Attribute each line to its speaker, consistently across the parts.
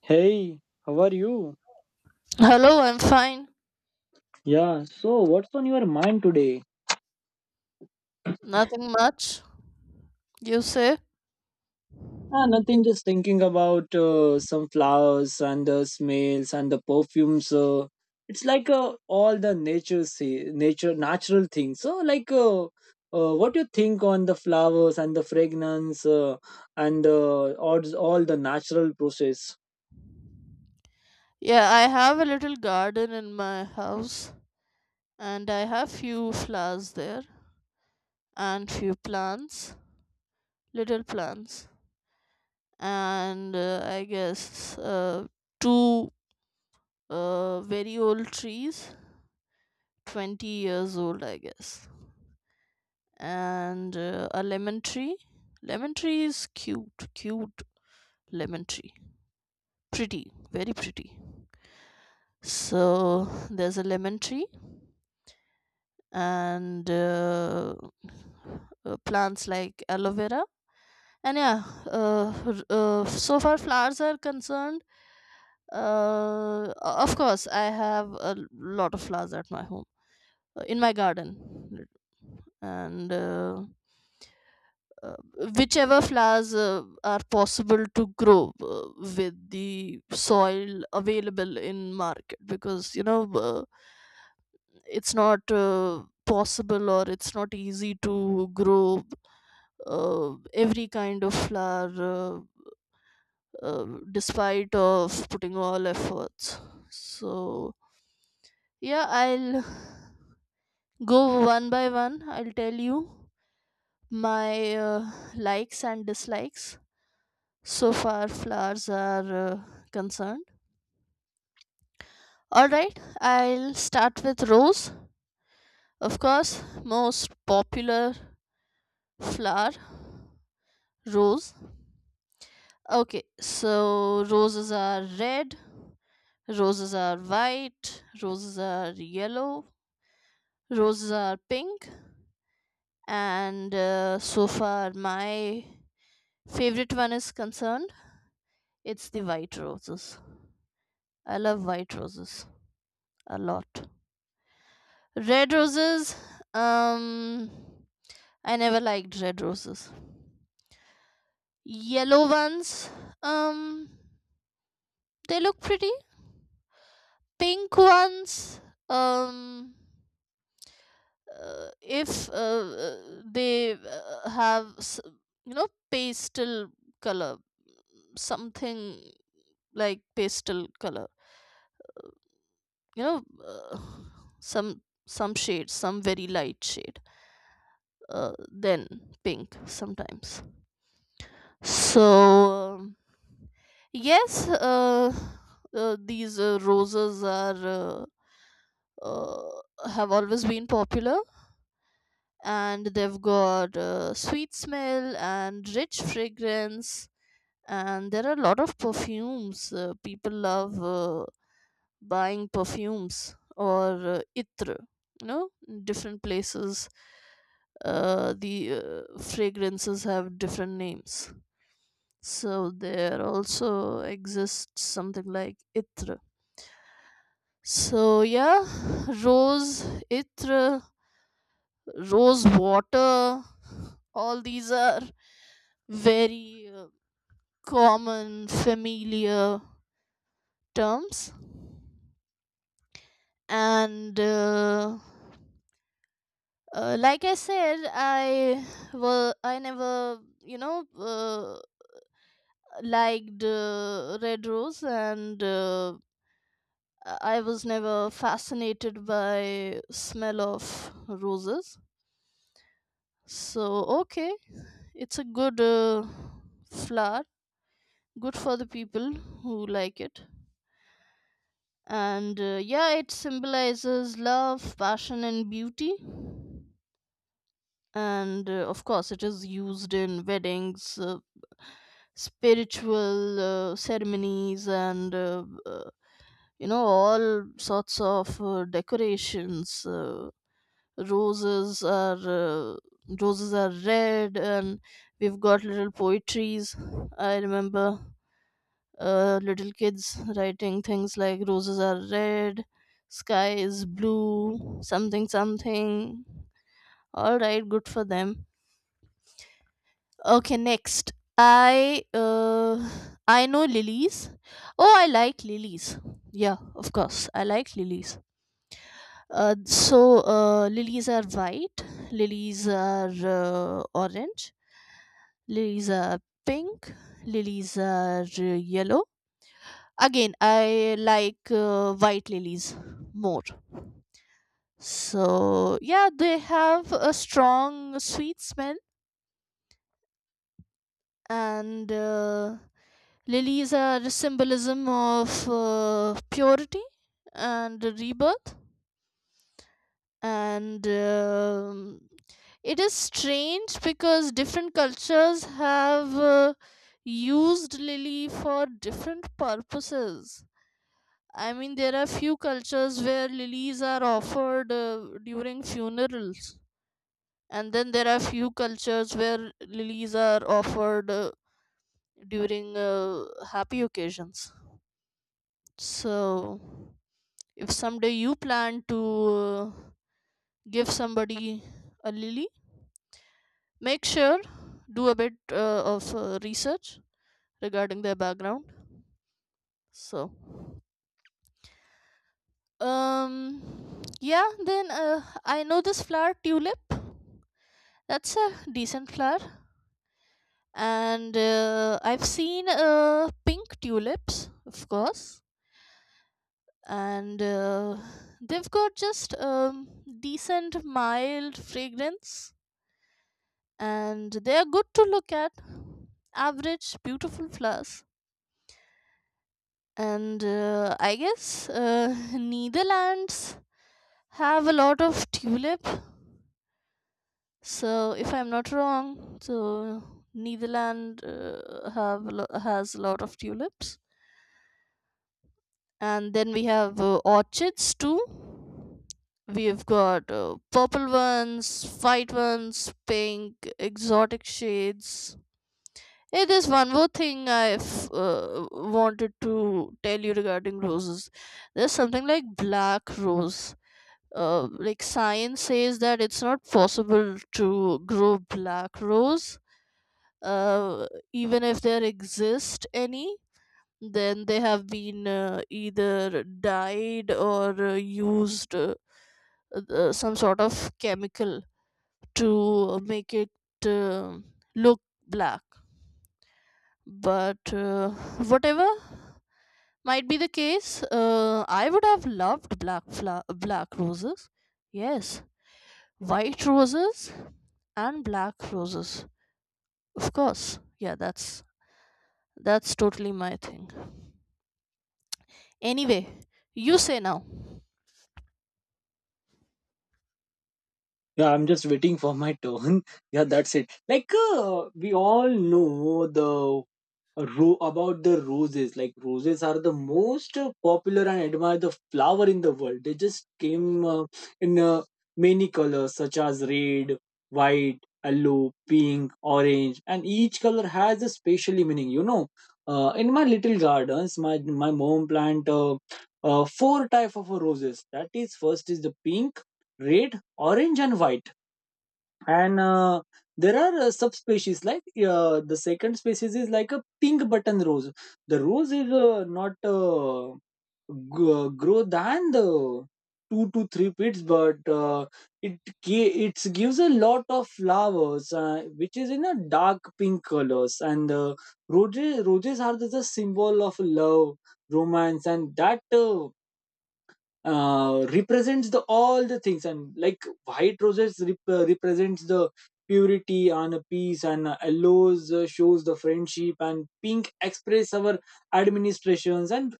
Speaker 1: Hey, how are you?
Speaker 2: Hello, I'm fine.
Speaker 1: Yeah, so what's on your mind today?
Speaker 2: Nothing much. You say?
Speaker 1: Ah, nothing, just thinking about some flowers and the smells and the perfumes. It's like all the nature, nature, natural things. So, like, what you think on the flowers and the fragrance and all the natural process?
Speaker 2: Yeah, I have a little garden in my house and I have few flowers there and few plants, little plants. And I guess two very old trees, 20 years old, I guess. And a lemon tree. Lemon tree is cute, cute lemon tree. Pretty, very pretty. So there's a lemon tree, and plants like aloe vera. And yeah, so far flowers are concerned, uh, of course I have a lot of flowers at my home, in my garden. And uh, whichever flowers are possible to grow with the soil available in market, because it's not possible, or it's not easy to grow every kind of flower despite of putting all efforts. So yeah, I'll go one by one. I'll tell you my likes and dislikes so far flowers are concerned. All right, I'll start with rose. Of course, most popular flower, rose. Okay, so roses are red, roses are white, roses are yellow, roses are pink, and so far my favorite one is concerned. It's the white roses. I love white roses a lot. Red roses, um, I never liked red roses. Yellow ones, um, they look pretty. Pink ones, um, if they have pastel color, something like pastel color, you know uh, some shades, some very light shade, then pink sometimes. So yes, these roses are, uh, have always been popular, and they've got sweet smell and rich fragrance. And there are a lot of perfumes, people love buying perfumes, or itr, you know different places. The fragrances have different names. So there also exists something like itr. So yeah, rose, itr, rose water, all these are very common familiar terms. And like I said, I, well, I never, liked red rose. And I was never fascinated by smell of roses. So okay, it's a good flower, good for the people who like it. And yeah, it symbolizes love, passion, and beauty. And of course, it is used in weddings, spiritual ceremonies, and all sorts of decorations. Uh, roses are uh, roses are red, and we've got little poetries. I remember little kids writing things like roses are red, sky is blue, something something. All right, good for them. Okay, next. I uh I know lilies. Oh, I like lilies. Yeah, of course. I like lilies. So lilies are white, lilies are orange, lilies are pink, lilies are yellow. Again, I like white lilies more. So, yeah, they have a strong sweet smell, and lilies are a symbolism of purity and rebirth. And it is strange because different cultures have used lily for different purposes. I mean, there are few cultures where lilies are offered during funerals, and then there are few cultures where lilies are offered during happy occasions. So, if someday you plan to give somebody a lily, make sure do a bit of research regarding their background. So, yeah, then I know this flower tulip. That's a decent flower. And I've seen pink tulips, of course. And they've got just decent, mild fragrance. And they are good to look at. Average, beautiful flowers. And I guess Netherlands have a lot of tulip. So if I'm not wrong, so Netherland has a lot of tulips. And then we have orchids too. We've got purple ones, white ones, pink exotic shades. Hey, there's one more thing I've wanted to tell you regarding roses. There's something like black rose. Like science says that it's not possible to grow black rose. Uh, even if there exist any, then they have been either dyed or used some sort of chemical to make it uh, look black. But whatever might be the case, I would have loved black roses. Yes, white roses and black roses. Of course, yeah, that's totally my thing. Anyway, you say now.
Speaker 1: Yeah, I'm just waiting for my turn. Yeah, that's it. Like, we all know about the roses. Like, roses are the most popular and admired the flower in the world. They just came in many colors such as red, white, yellow, pink, orange, and each color has a special meaning. In my little gardens, my mom plant four type of roses. That is, first is the pink, red, orange, and white. And there are subspecies. Like the second species is like a pink button rose. The rose is not grow than the 2 to 3 feet, but it gives a lot of flowers which is in a dark pink colors. And roses are the symbol of love, romance. And that represents the all the things. And like white roses represents the purity and peace. And yellows shows the friendship, and pink express our administrations. And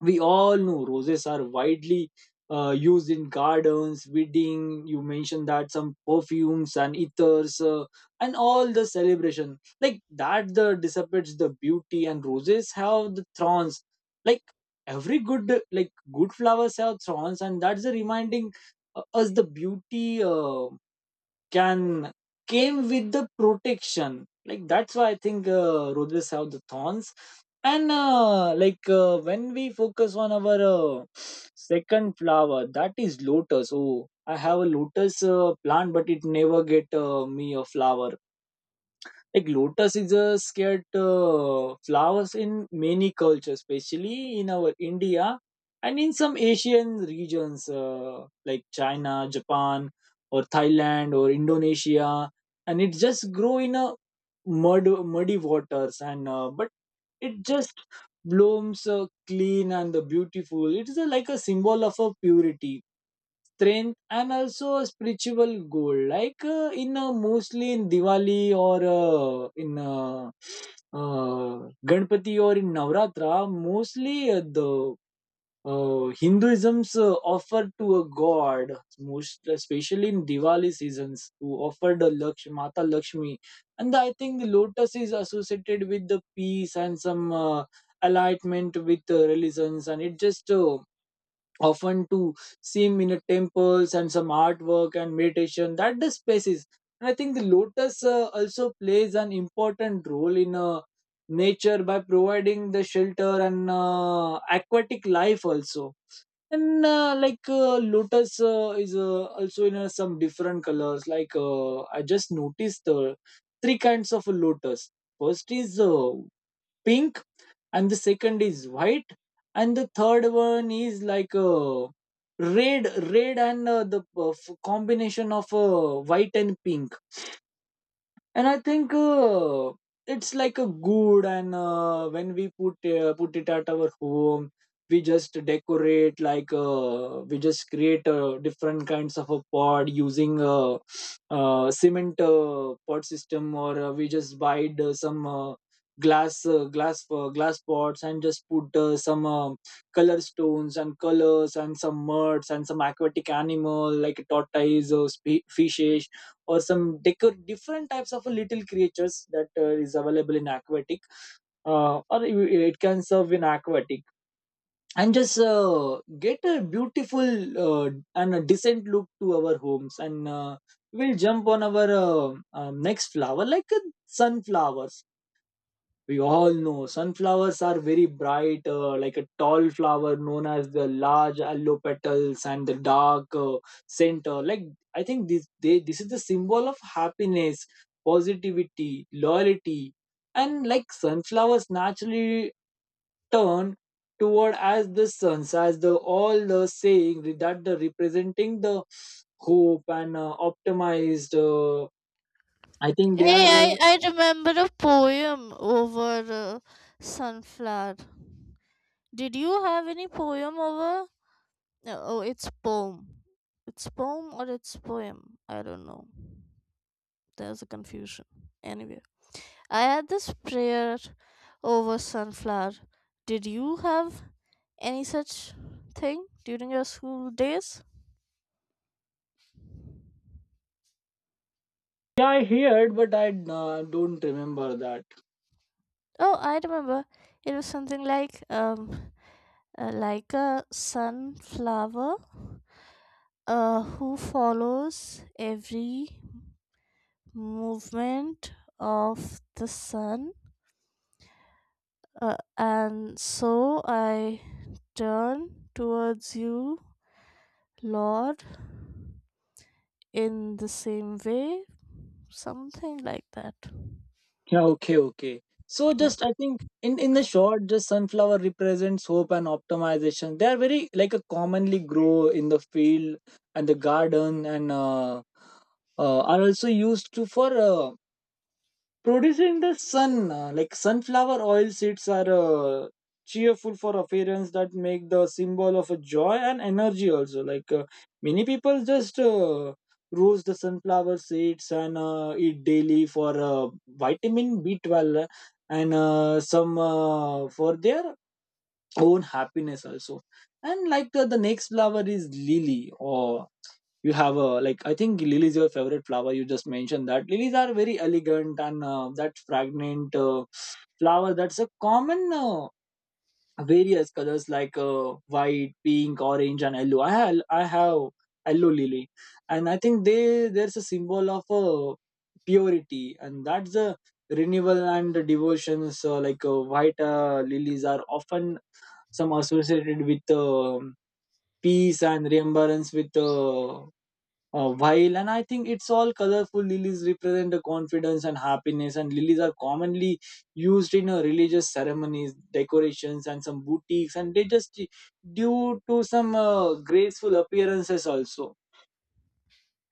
Speaker 1: we all know roses are widely used in gardens, wedding. You mentioned that some perfumes and ethers, and all the celebration, like that the dissipates the beauty. And roses have the thorns. Like every good, like good flowers have thorns, and that's the reminding us the beauty can came with the protection. Like, that's why I think roadways have the thorns. And like when we focus on our second flower, that is lotus. Oh, I have a lotus plant, but it never get me a flower. Like, lotus is a scared flowers in many cultures, especially in our India and in some Asian regions, like China, Japan, or Thailand or Indonesia. And it just grow in a muddy waters. And but it just blooms clean and beautiful. It is a, like, a symbol of a purity, strength, and also a spiritual goal, like in mostly in Diwali or in uh, Ganpati or in Navratra, mostly the Hinduism's offer to a god, most especially in Diwali seasons, to offer the Lakshmi, Mata Lakshmi. And I think the lotus is associated with the peace and some alignment with religions, and it just often to seem in a temples and some artwork and meditation that the spaces. And I think the lotus also plays an important role in nature by providing the shelter and aquatic life also. And like lotus is also in some different colors. Like I just noticed three kinds of lotus. First is pink, and the second is white, and the third one is like red, red and the combination of white and pink. And I think it's like a good. And when we put it at our home, we just decorate. Like we just create different kinds of a pod using cement pod system. Or we just buy the some glass pots, and just put some color stones and colors and some muds and some aquatic animal like tortoise or fishes, or some decor different types of little creatures that is available in aquatic, or it can serve in aquatic. And just get a beautiful uh, and a decent look to our homes. And we'll jump on our next flower, like a sunflower. We all know sunflowers are very bright, like a tall flower, known as the large yellow petals and the dark center. Like, I think this is the symbol of happiness, positivity, loyalty. And like sunflowers naturally turn toward as the suns, as the all the saying that the representing the hope and optimized. I think they
Speaker 2: Hey,
Speaker 1: are.
Speaker 2: I remember a poem over uh, sunflower. Did you have any poem over? No, oh, it's poem. It's poem or it's poem. I don't know. There's a confusion. Anyway, I had this prayer over sunflower. Did you have any such thing during your school days?
Speaker 1: Yeah, I heard, but I don't remember that.
Speaker 2: Oh, I remember. It was something like a sunflower who follows every movement of the sun. And so I turn towards you, Lord, in the same way, something like that.
Speaker 1: Yeah. Okay, okay. So,
Speaker 2: Yeah.
Speaker 1: just I think in the short, just sunflower represents hope and optimization. They are very, like, a commonly grow in the field and the garden. And are also used to for producing the sun, like sunflower oil. Seeds are cheerful for appearance that make the symbol of a joy and energy also. Like many people just roast the sunflower seeds and eat daily for vitamin B12. And some for their own happiness also. And like the next flower is lily. Or you have a, like, I think lily is your favorite flower. You just mentioned that lilies are very elegant and that fragrant flower. That's a common various colors like white, pink, orange, and yellow. I have yellow lily. And I think they there's a symbol of purity, and that's a renewal and devotions. Uh, like white lilies are often some associated with peace and remembrance with while. And I think it's all colorful lilies represent the confidence and happiness. And lilies are commonly used in religious ceremonies, decorations, and some boutiques. And they just due to some graceful appearances also.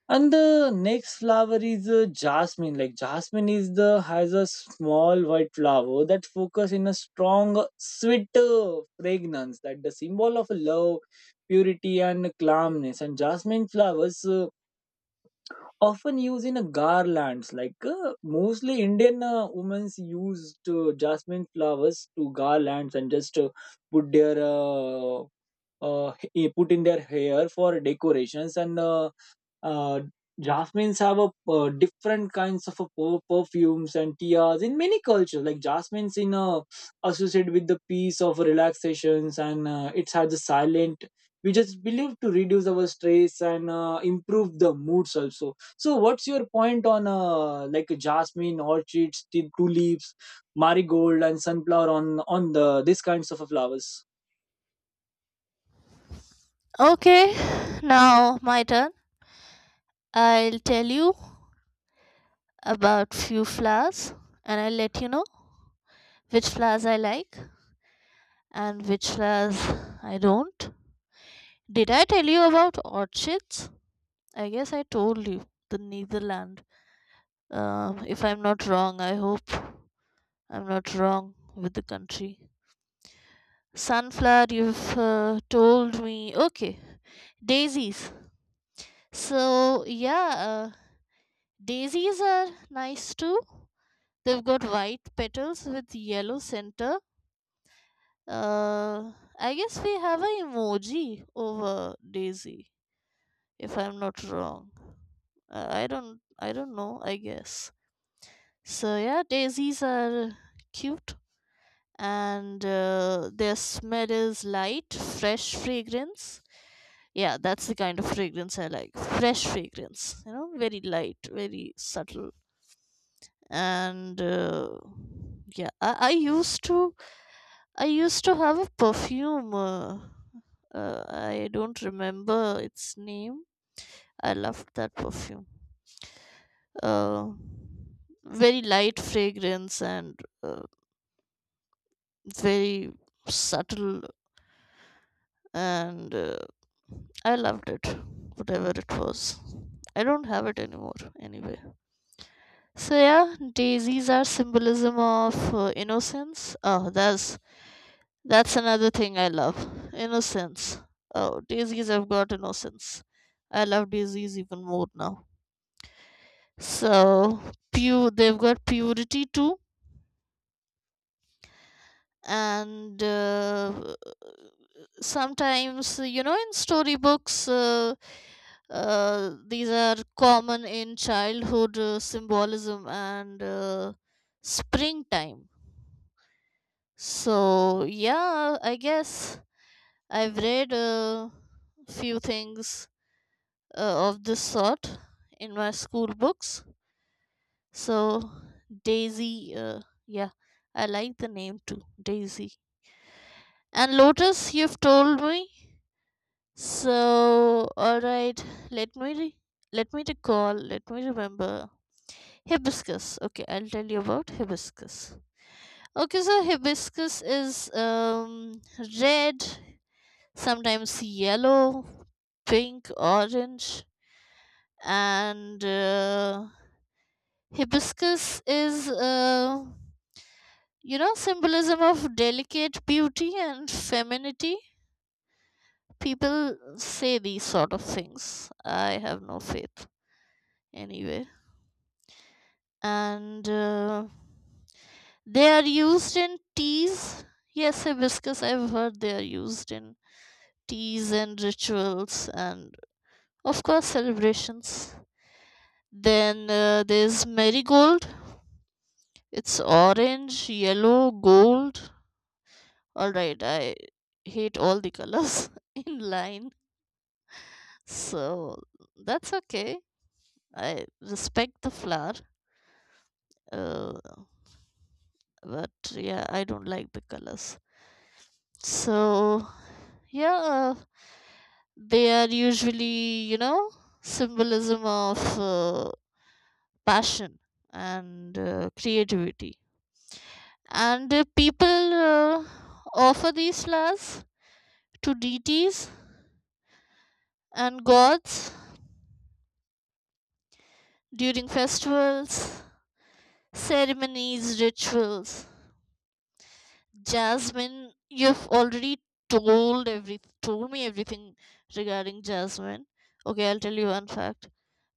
Speaker 1: And the next flower is jasmine. Like, jasmine is the has a small white flower that focus in a strong, sweet fragrance. That the symbol of love, purity, and calmness. And jasmine flowers often used in a garlands. Like mostly Indian women used jasmine flowers to garlands, and just put their uh, put in their hair for decorations and. Uh, Jasmines have a different kinds of a perfumes and teas in many cultures. Like jasmines in associated with the peace of relaxations. And it has a silent. We just believe to reduce our stress and improve the moods also. So, what's your point on like jasmine, orchids, tulips, marigold, and sunflower on the these kinds of flowers?
Speaker 2: Okay, now my turn. I'll tell you about few flowers, and I'll let you know which flowers I like and which flowers I don't. Did I tell you about orchids? I guess I told you the Netherlands. If I'm not wrong, I hope I'm not wrong with the country. Sunflower, you've told me. Okay, daisies. So yeah, daisies are nice too. They've got white petals with yellow center. Uh, I guess we have a emoji over daisy. If I'm not wrong, I don't. I don't know. I guess. So yeah, daisies are cute, and their smell is light, fresh fragrance. Yeah, that's the kind of fragrance I like. Fresh fragrance, very light, very subtle. And yeah, I used to have a perfume. I don't remember its name. I loved that perfume. Uh, very light fragrance, and very subtle, and I loved it, whatever it was. I don't have it anymore, anyway. So yeah, daisies are symbolism of innocence. Oh, that's another thing I love, innocence. Oh, daisies have got innocence. I love daisies even more now. So pure, they've got purity too. And sometimes, in storybooks, these are common in childhood symbolism, and springtime. So yeah, I guess I've read a few things of this sort in my school books. So daisy, yeah, I like the name too, daisy. And lotus, you've told me. So, all right, let me re- let me recall, let me remember. Hibiscus. Okay, I'll tell you about hibiscus. Okay, so hibiscus is red, sometimes yellow, pink, orange, and hibiscus is, symbolism of delicate beauty and femininity. People say these sort of things. I have no faith. Anyway, and they are used in teas. Yes, hibiscus, I've heard they are used in teas and rituals, and of course celebrations. Then there's marigold. It's orange, yellow, gold. All right, I hate all the colors in line. So that's okay, I respect the flower, uh, but yeah, I don't like the colors. So yeah, they are usually, symbolism of passion, and creativity. And people uh, offer these flowers to deities and gods during festivals, ceremonies, rituals. Jasmine, you've already told me everything regarding jasmine. Okay, I'll tell you one fact.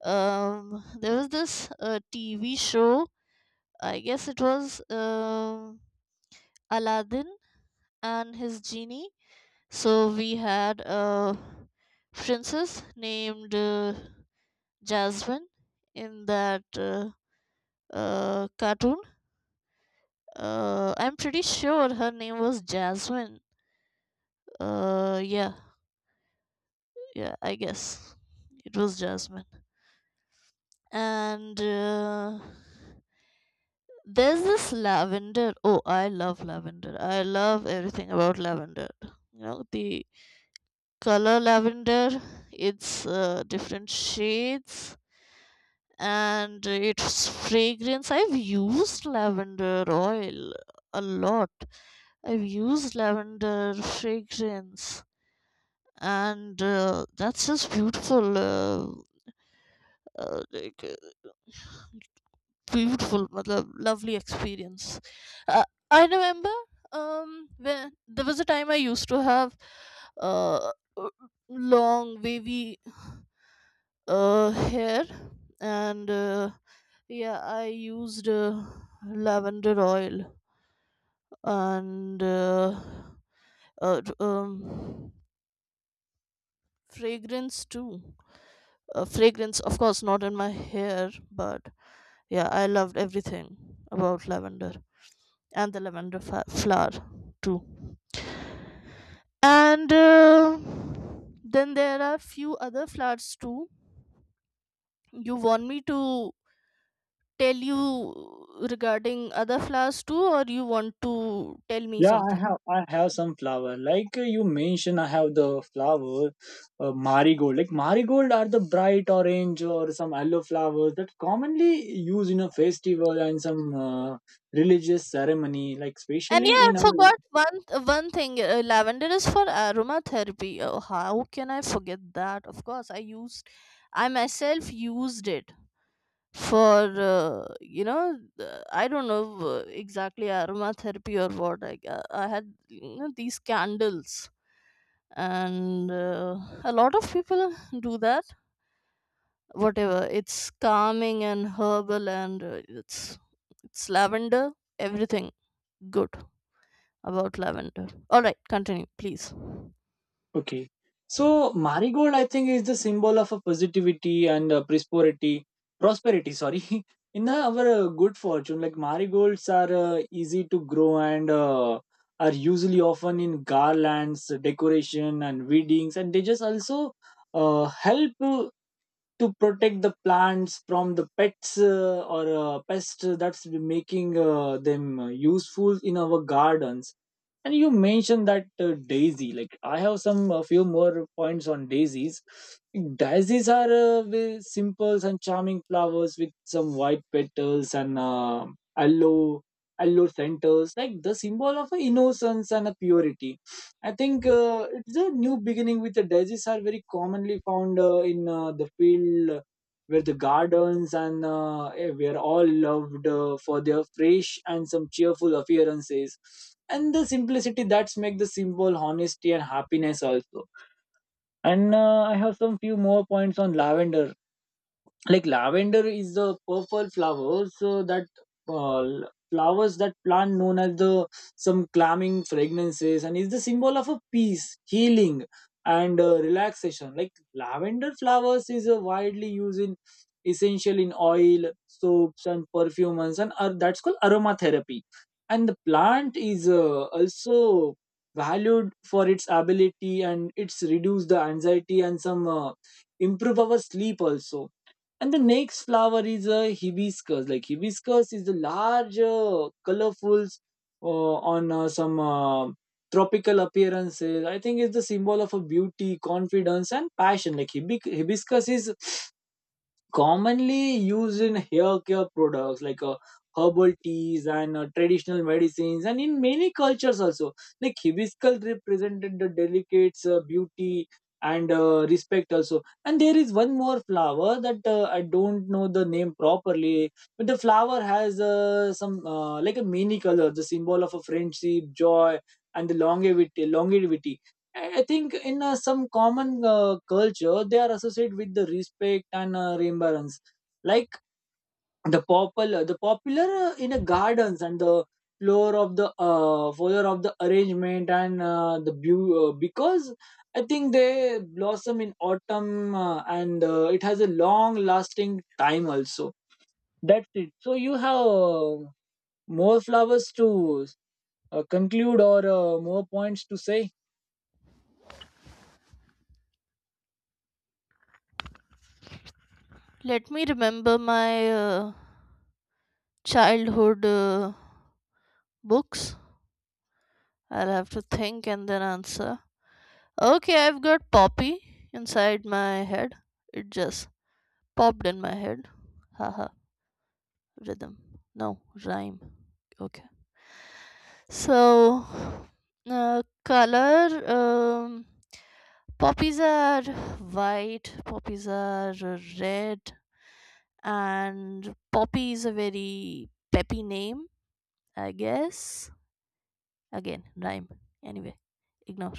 Speaker 2: There was this TV show, I guess it was Aladdin and his genie. So we had a princess named Jasmine in that cartoon. I'm pretty sure her name was Jasmine. Yeah, yeah, I guess it was Jasmine. And there's this lavender. Oh, I love lavender. I love everything about lavender. You know the color lavender, it's different shades, and its fragrance. I've used lavender oil a lot. I've used lavender fragrance, and that's just beautiful, uh, like, uh, beautiful matlab, lovely experience. uh, I remember when there was a time I used to have uh, long wavy hair, and yeah, I used lavender oil, and uh, d- um, fragrance too, fragrance, of course not in my hair, but yeah, I loved everything about lavender and the lavender flower too. And then there are few other flowers too. You want me to tell you regarding other flowers too, or you want to tell me
Speaker 1: Yeah, I
Speaker 2: something?
Speaker 1: have I have some flower. Like you mentioned, I have the flower marigold. Like, marigold are the bright orange or some yellow flowers that commonly used in a festival and some religious ceremony. Like,
Speaker 2: And yeah,
Speaker 1: especially
Speaker 2: I
Speaker 1: in our.
Speaker 2: forgot one thing. Lavender is for aromatherapy. Oh, how can I forget that? Of course, I myself used it for, I don't know exactly aromatherapy or what. I had, these candles, and a lot of people do that, whatever, it's calming and herbal, and it's lavender, everything good about lavender. All right, continue please.
Speaker 1: Okay. So, marigold, I think, is the symbol of a positivity and prosperity. Prosperity, sorry. In our good fortune, like marigolds are easy to grow and are usually often in garlands, decoration, and weddings, and they just also help to protect the plants from the pets or pests that's making them useful in our gardens. And you mentioned that daisy. Like, I have some a few more points on daisies. Daisies are very simple and charming flowers with some white petals and yellow yellow centers, like the symbol of innocence and a purity. I think it's a new beginning with the daisies are very commonly found in the field where the gardens, and were all loved for their fresh and some cheerful appearances, and the simplicity that's make the symbol honesty and happiness also. And I have some few more points on lavender. Like lavender is the purple flower, so that flowers that plant known as the some calming fragrances, and is the symbol of a peace, healing, and relaxation. Like lavender flowers is widely used in essential in oil, soaps, and perfumes, and that's called aromatherapy. And the plant is also valued for its ability, and it's reduce the anxiety and some improve our sleep also. And the next flower is a hibiscus. Like hibiscus is the large, colorful, on some tropical appearances. I think it's the symbol of a beauty, confidence, and passion. Like hibiscus is commonly used in hair care products like herbal teas and traditional medicines and in many cultures also. Like, hibiscus represented the delicate beauty and respect also. And there is one more flower that I don't know the name properly, but the flower has some like a mini color, the symbol of a friendship, joy, and the longevity. I think in some common culture, they are associated with the respect and remembrance. Like the popular in the gardens, and the floor of the arrangement, and the because I think they blossom in autumn, and it has a long lasting time also. That's it. So, you have more flowers to conclude, or more points to say?
Speaker 2: Let me remember my childhood books. I'll have to think and then answer. Okay, I've got poppy inside my head, it just popped in my head. Haha, rhythm. No, rhyme. Okay. So, color, poppies are white, poppies are red, and poppy is a very peppy name, I guess. Again, rhyme. Anyway, ignore.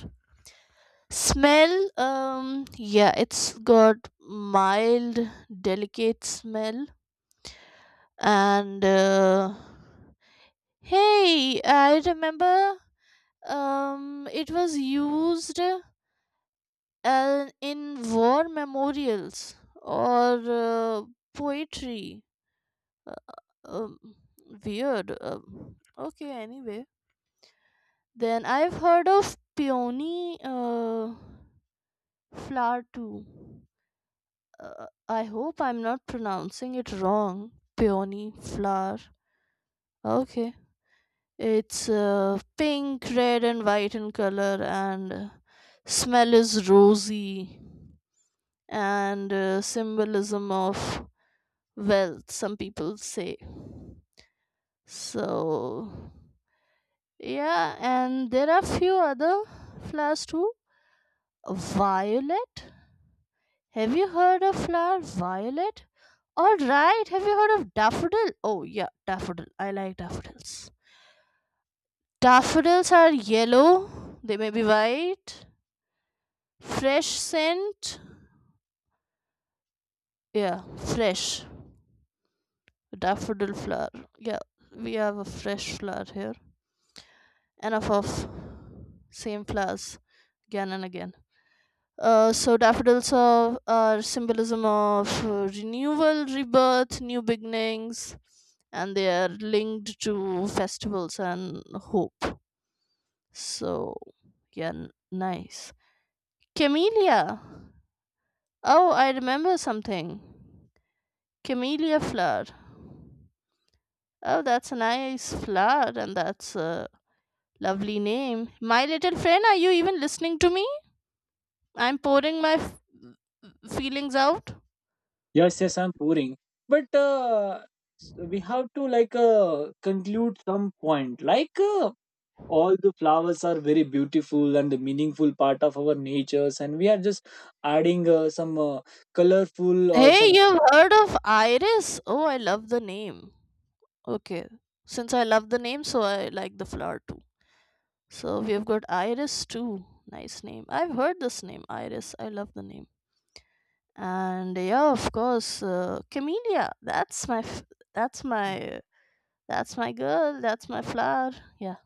Speaker 2: Smell, yeah, it's got mild, delicate smell, and hey, I remember, it was used. And in war memorials, or poetry. Um, weird. Okay, anyway. Then I've heard of peony flower too. I hope I'm not pronouncing it wrong. Peony flower. Okay. It's pink, red, and white in color, and smell is rosy, and symbolism of. Well, some people say. So, yeah, and there are few other flowers too. Violet. Have you heard of flower violet? All right. Have you heard of daffodil? Oh, yeah, daffodil. I like daffodils. Daffodils are yellow. They may be white. Fresh scent. Yeah, fresh. Daffodil flower. Yeah, we have a fresh flower here. Enough of same flowers again and again. So daffodils are symbolism of renewal, rebirth, new beginnings, and they are linked to festivals and hope. So yeah, nice. Camellia. Oh, I remember something. Camellia flower. Oh, that's a nice flower, and that's a lovely name. My little friend, are you even listening to me? I'm pouring my feelings out.
Speaker 1: Yes, yes, I'm pouring. But we have to, like, conclude some point. Like, all the flowers are very beautiful and the meaningful part of our natures, and we are just adding some colorful or
Speaker 2: Hey,
Speaker 1: some.
Speaker 2: yeah, you've heard of Iris? Oh, I love the name. Okay. Since I love the name, so I like the flower too. So we've got Iris too. Nice name. I've heard this name, Iris. I love the name. And yeah, of course, Camellia. That's my that's my girl. That's my flower. Yeah,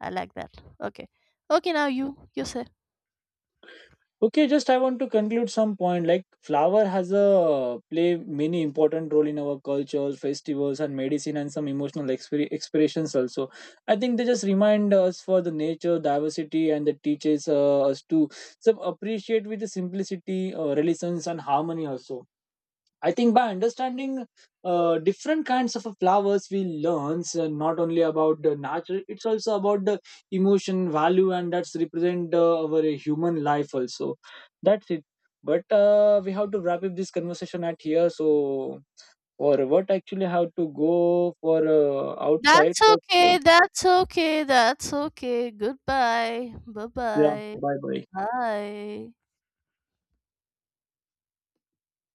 Speaker 2: I like that. Okay. Okay, now you say.
Speaker 1: Okay, just I want to conclude some point. Like, flower has a play many important role in our culture, festivals, and medicine, and some emotional expressions also. I think they just remind us for the nature, diversity, and that teaches us to some appreciate with the simplicity, relations, and harmony also. I think by understanding different kinds of flowers, we learns not only about the nature; it's also about the emotion, value, and that's represent our human life also. That's it. But we have to wrap up this conversation at here. So for what actually have to go for outside.
Speaker 2: That's okay.
Speaker 1: That's,
Speaker 2: That's okay. That's okay. Goodbye.
Speaker 1: yeah.
Speaker 2: Bye-bye.
Speaker 1: Bye bye.
Speaker 2: Bye.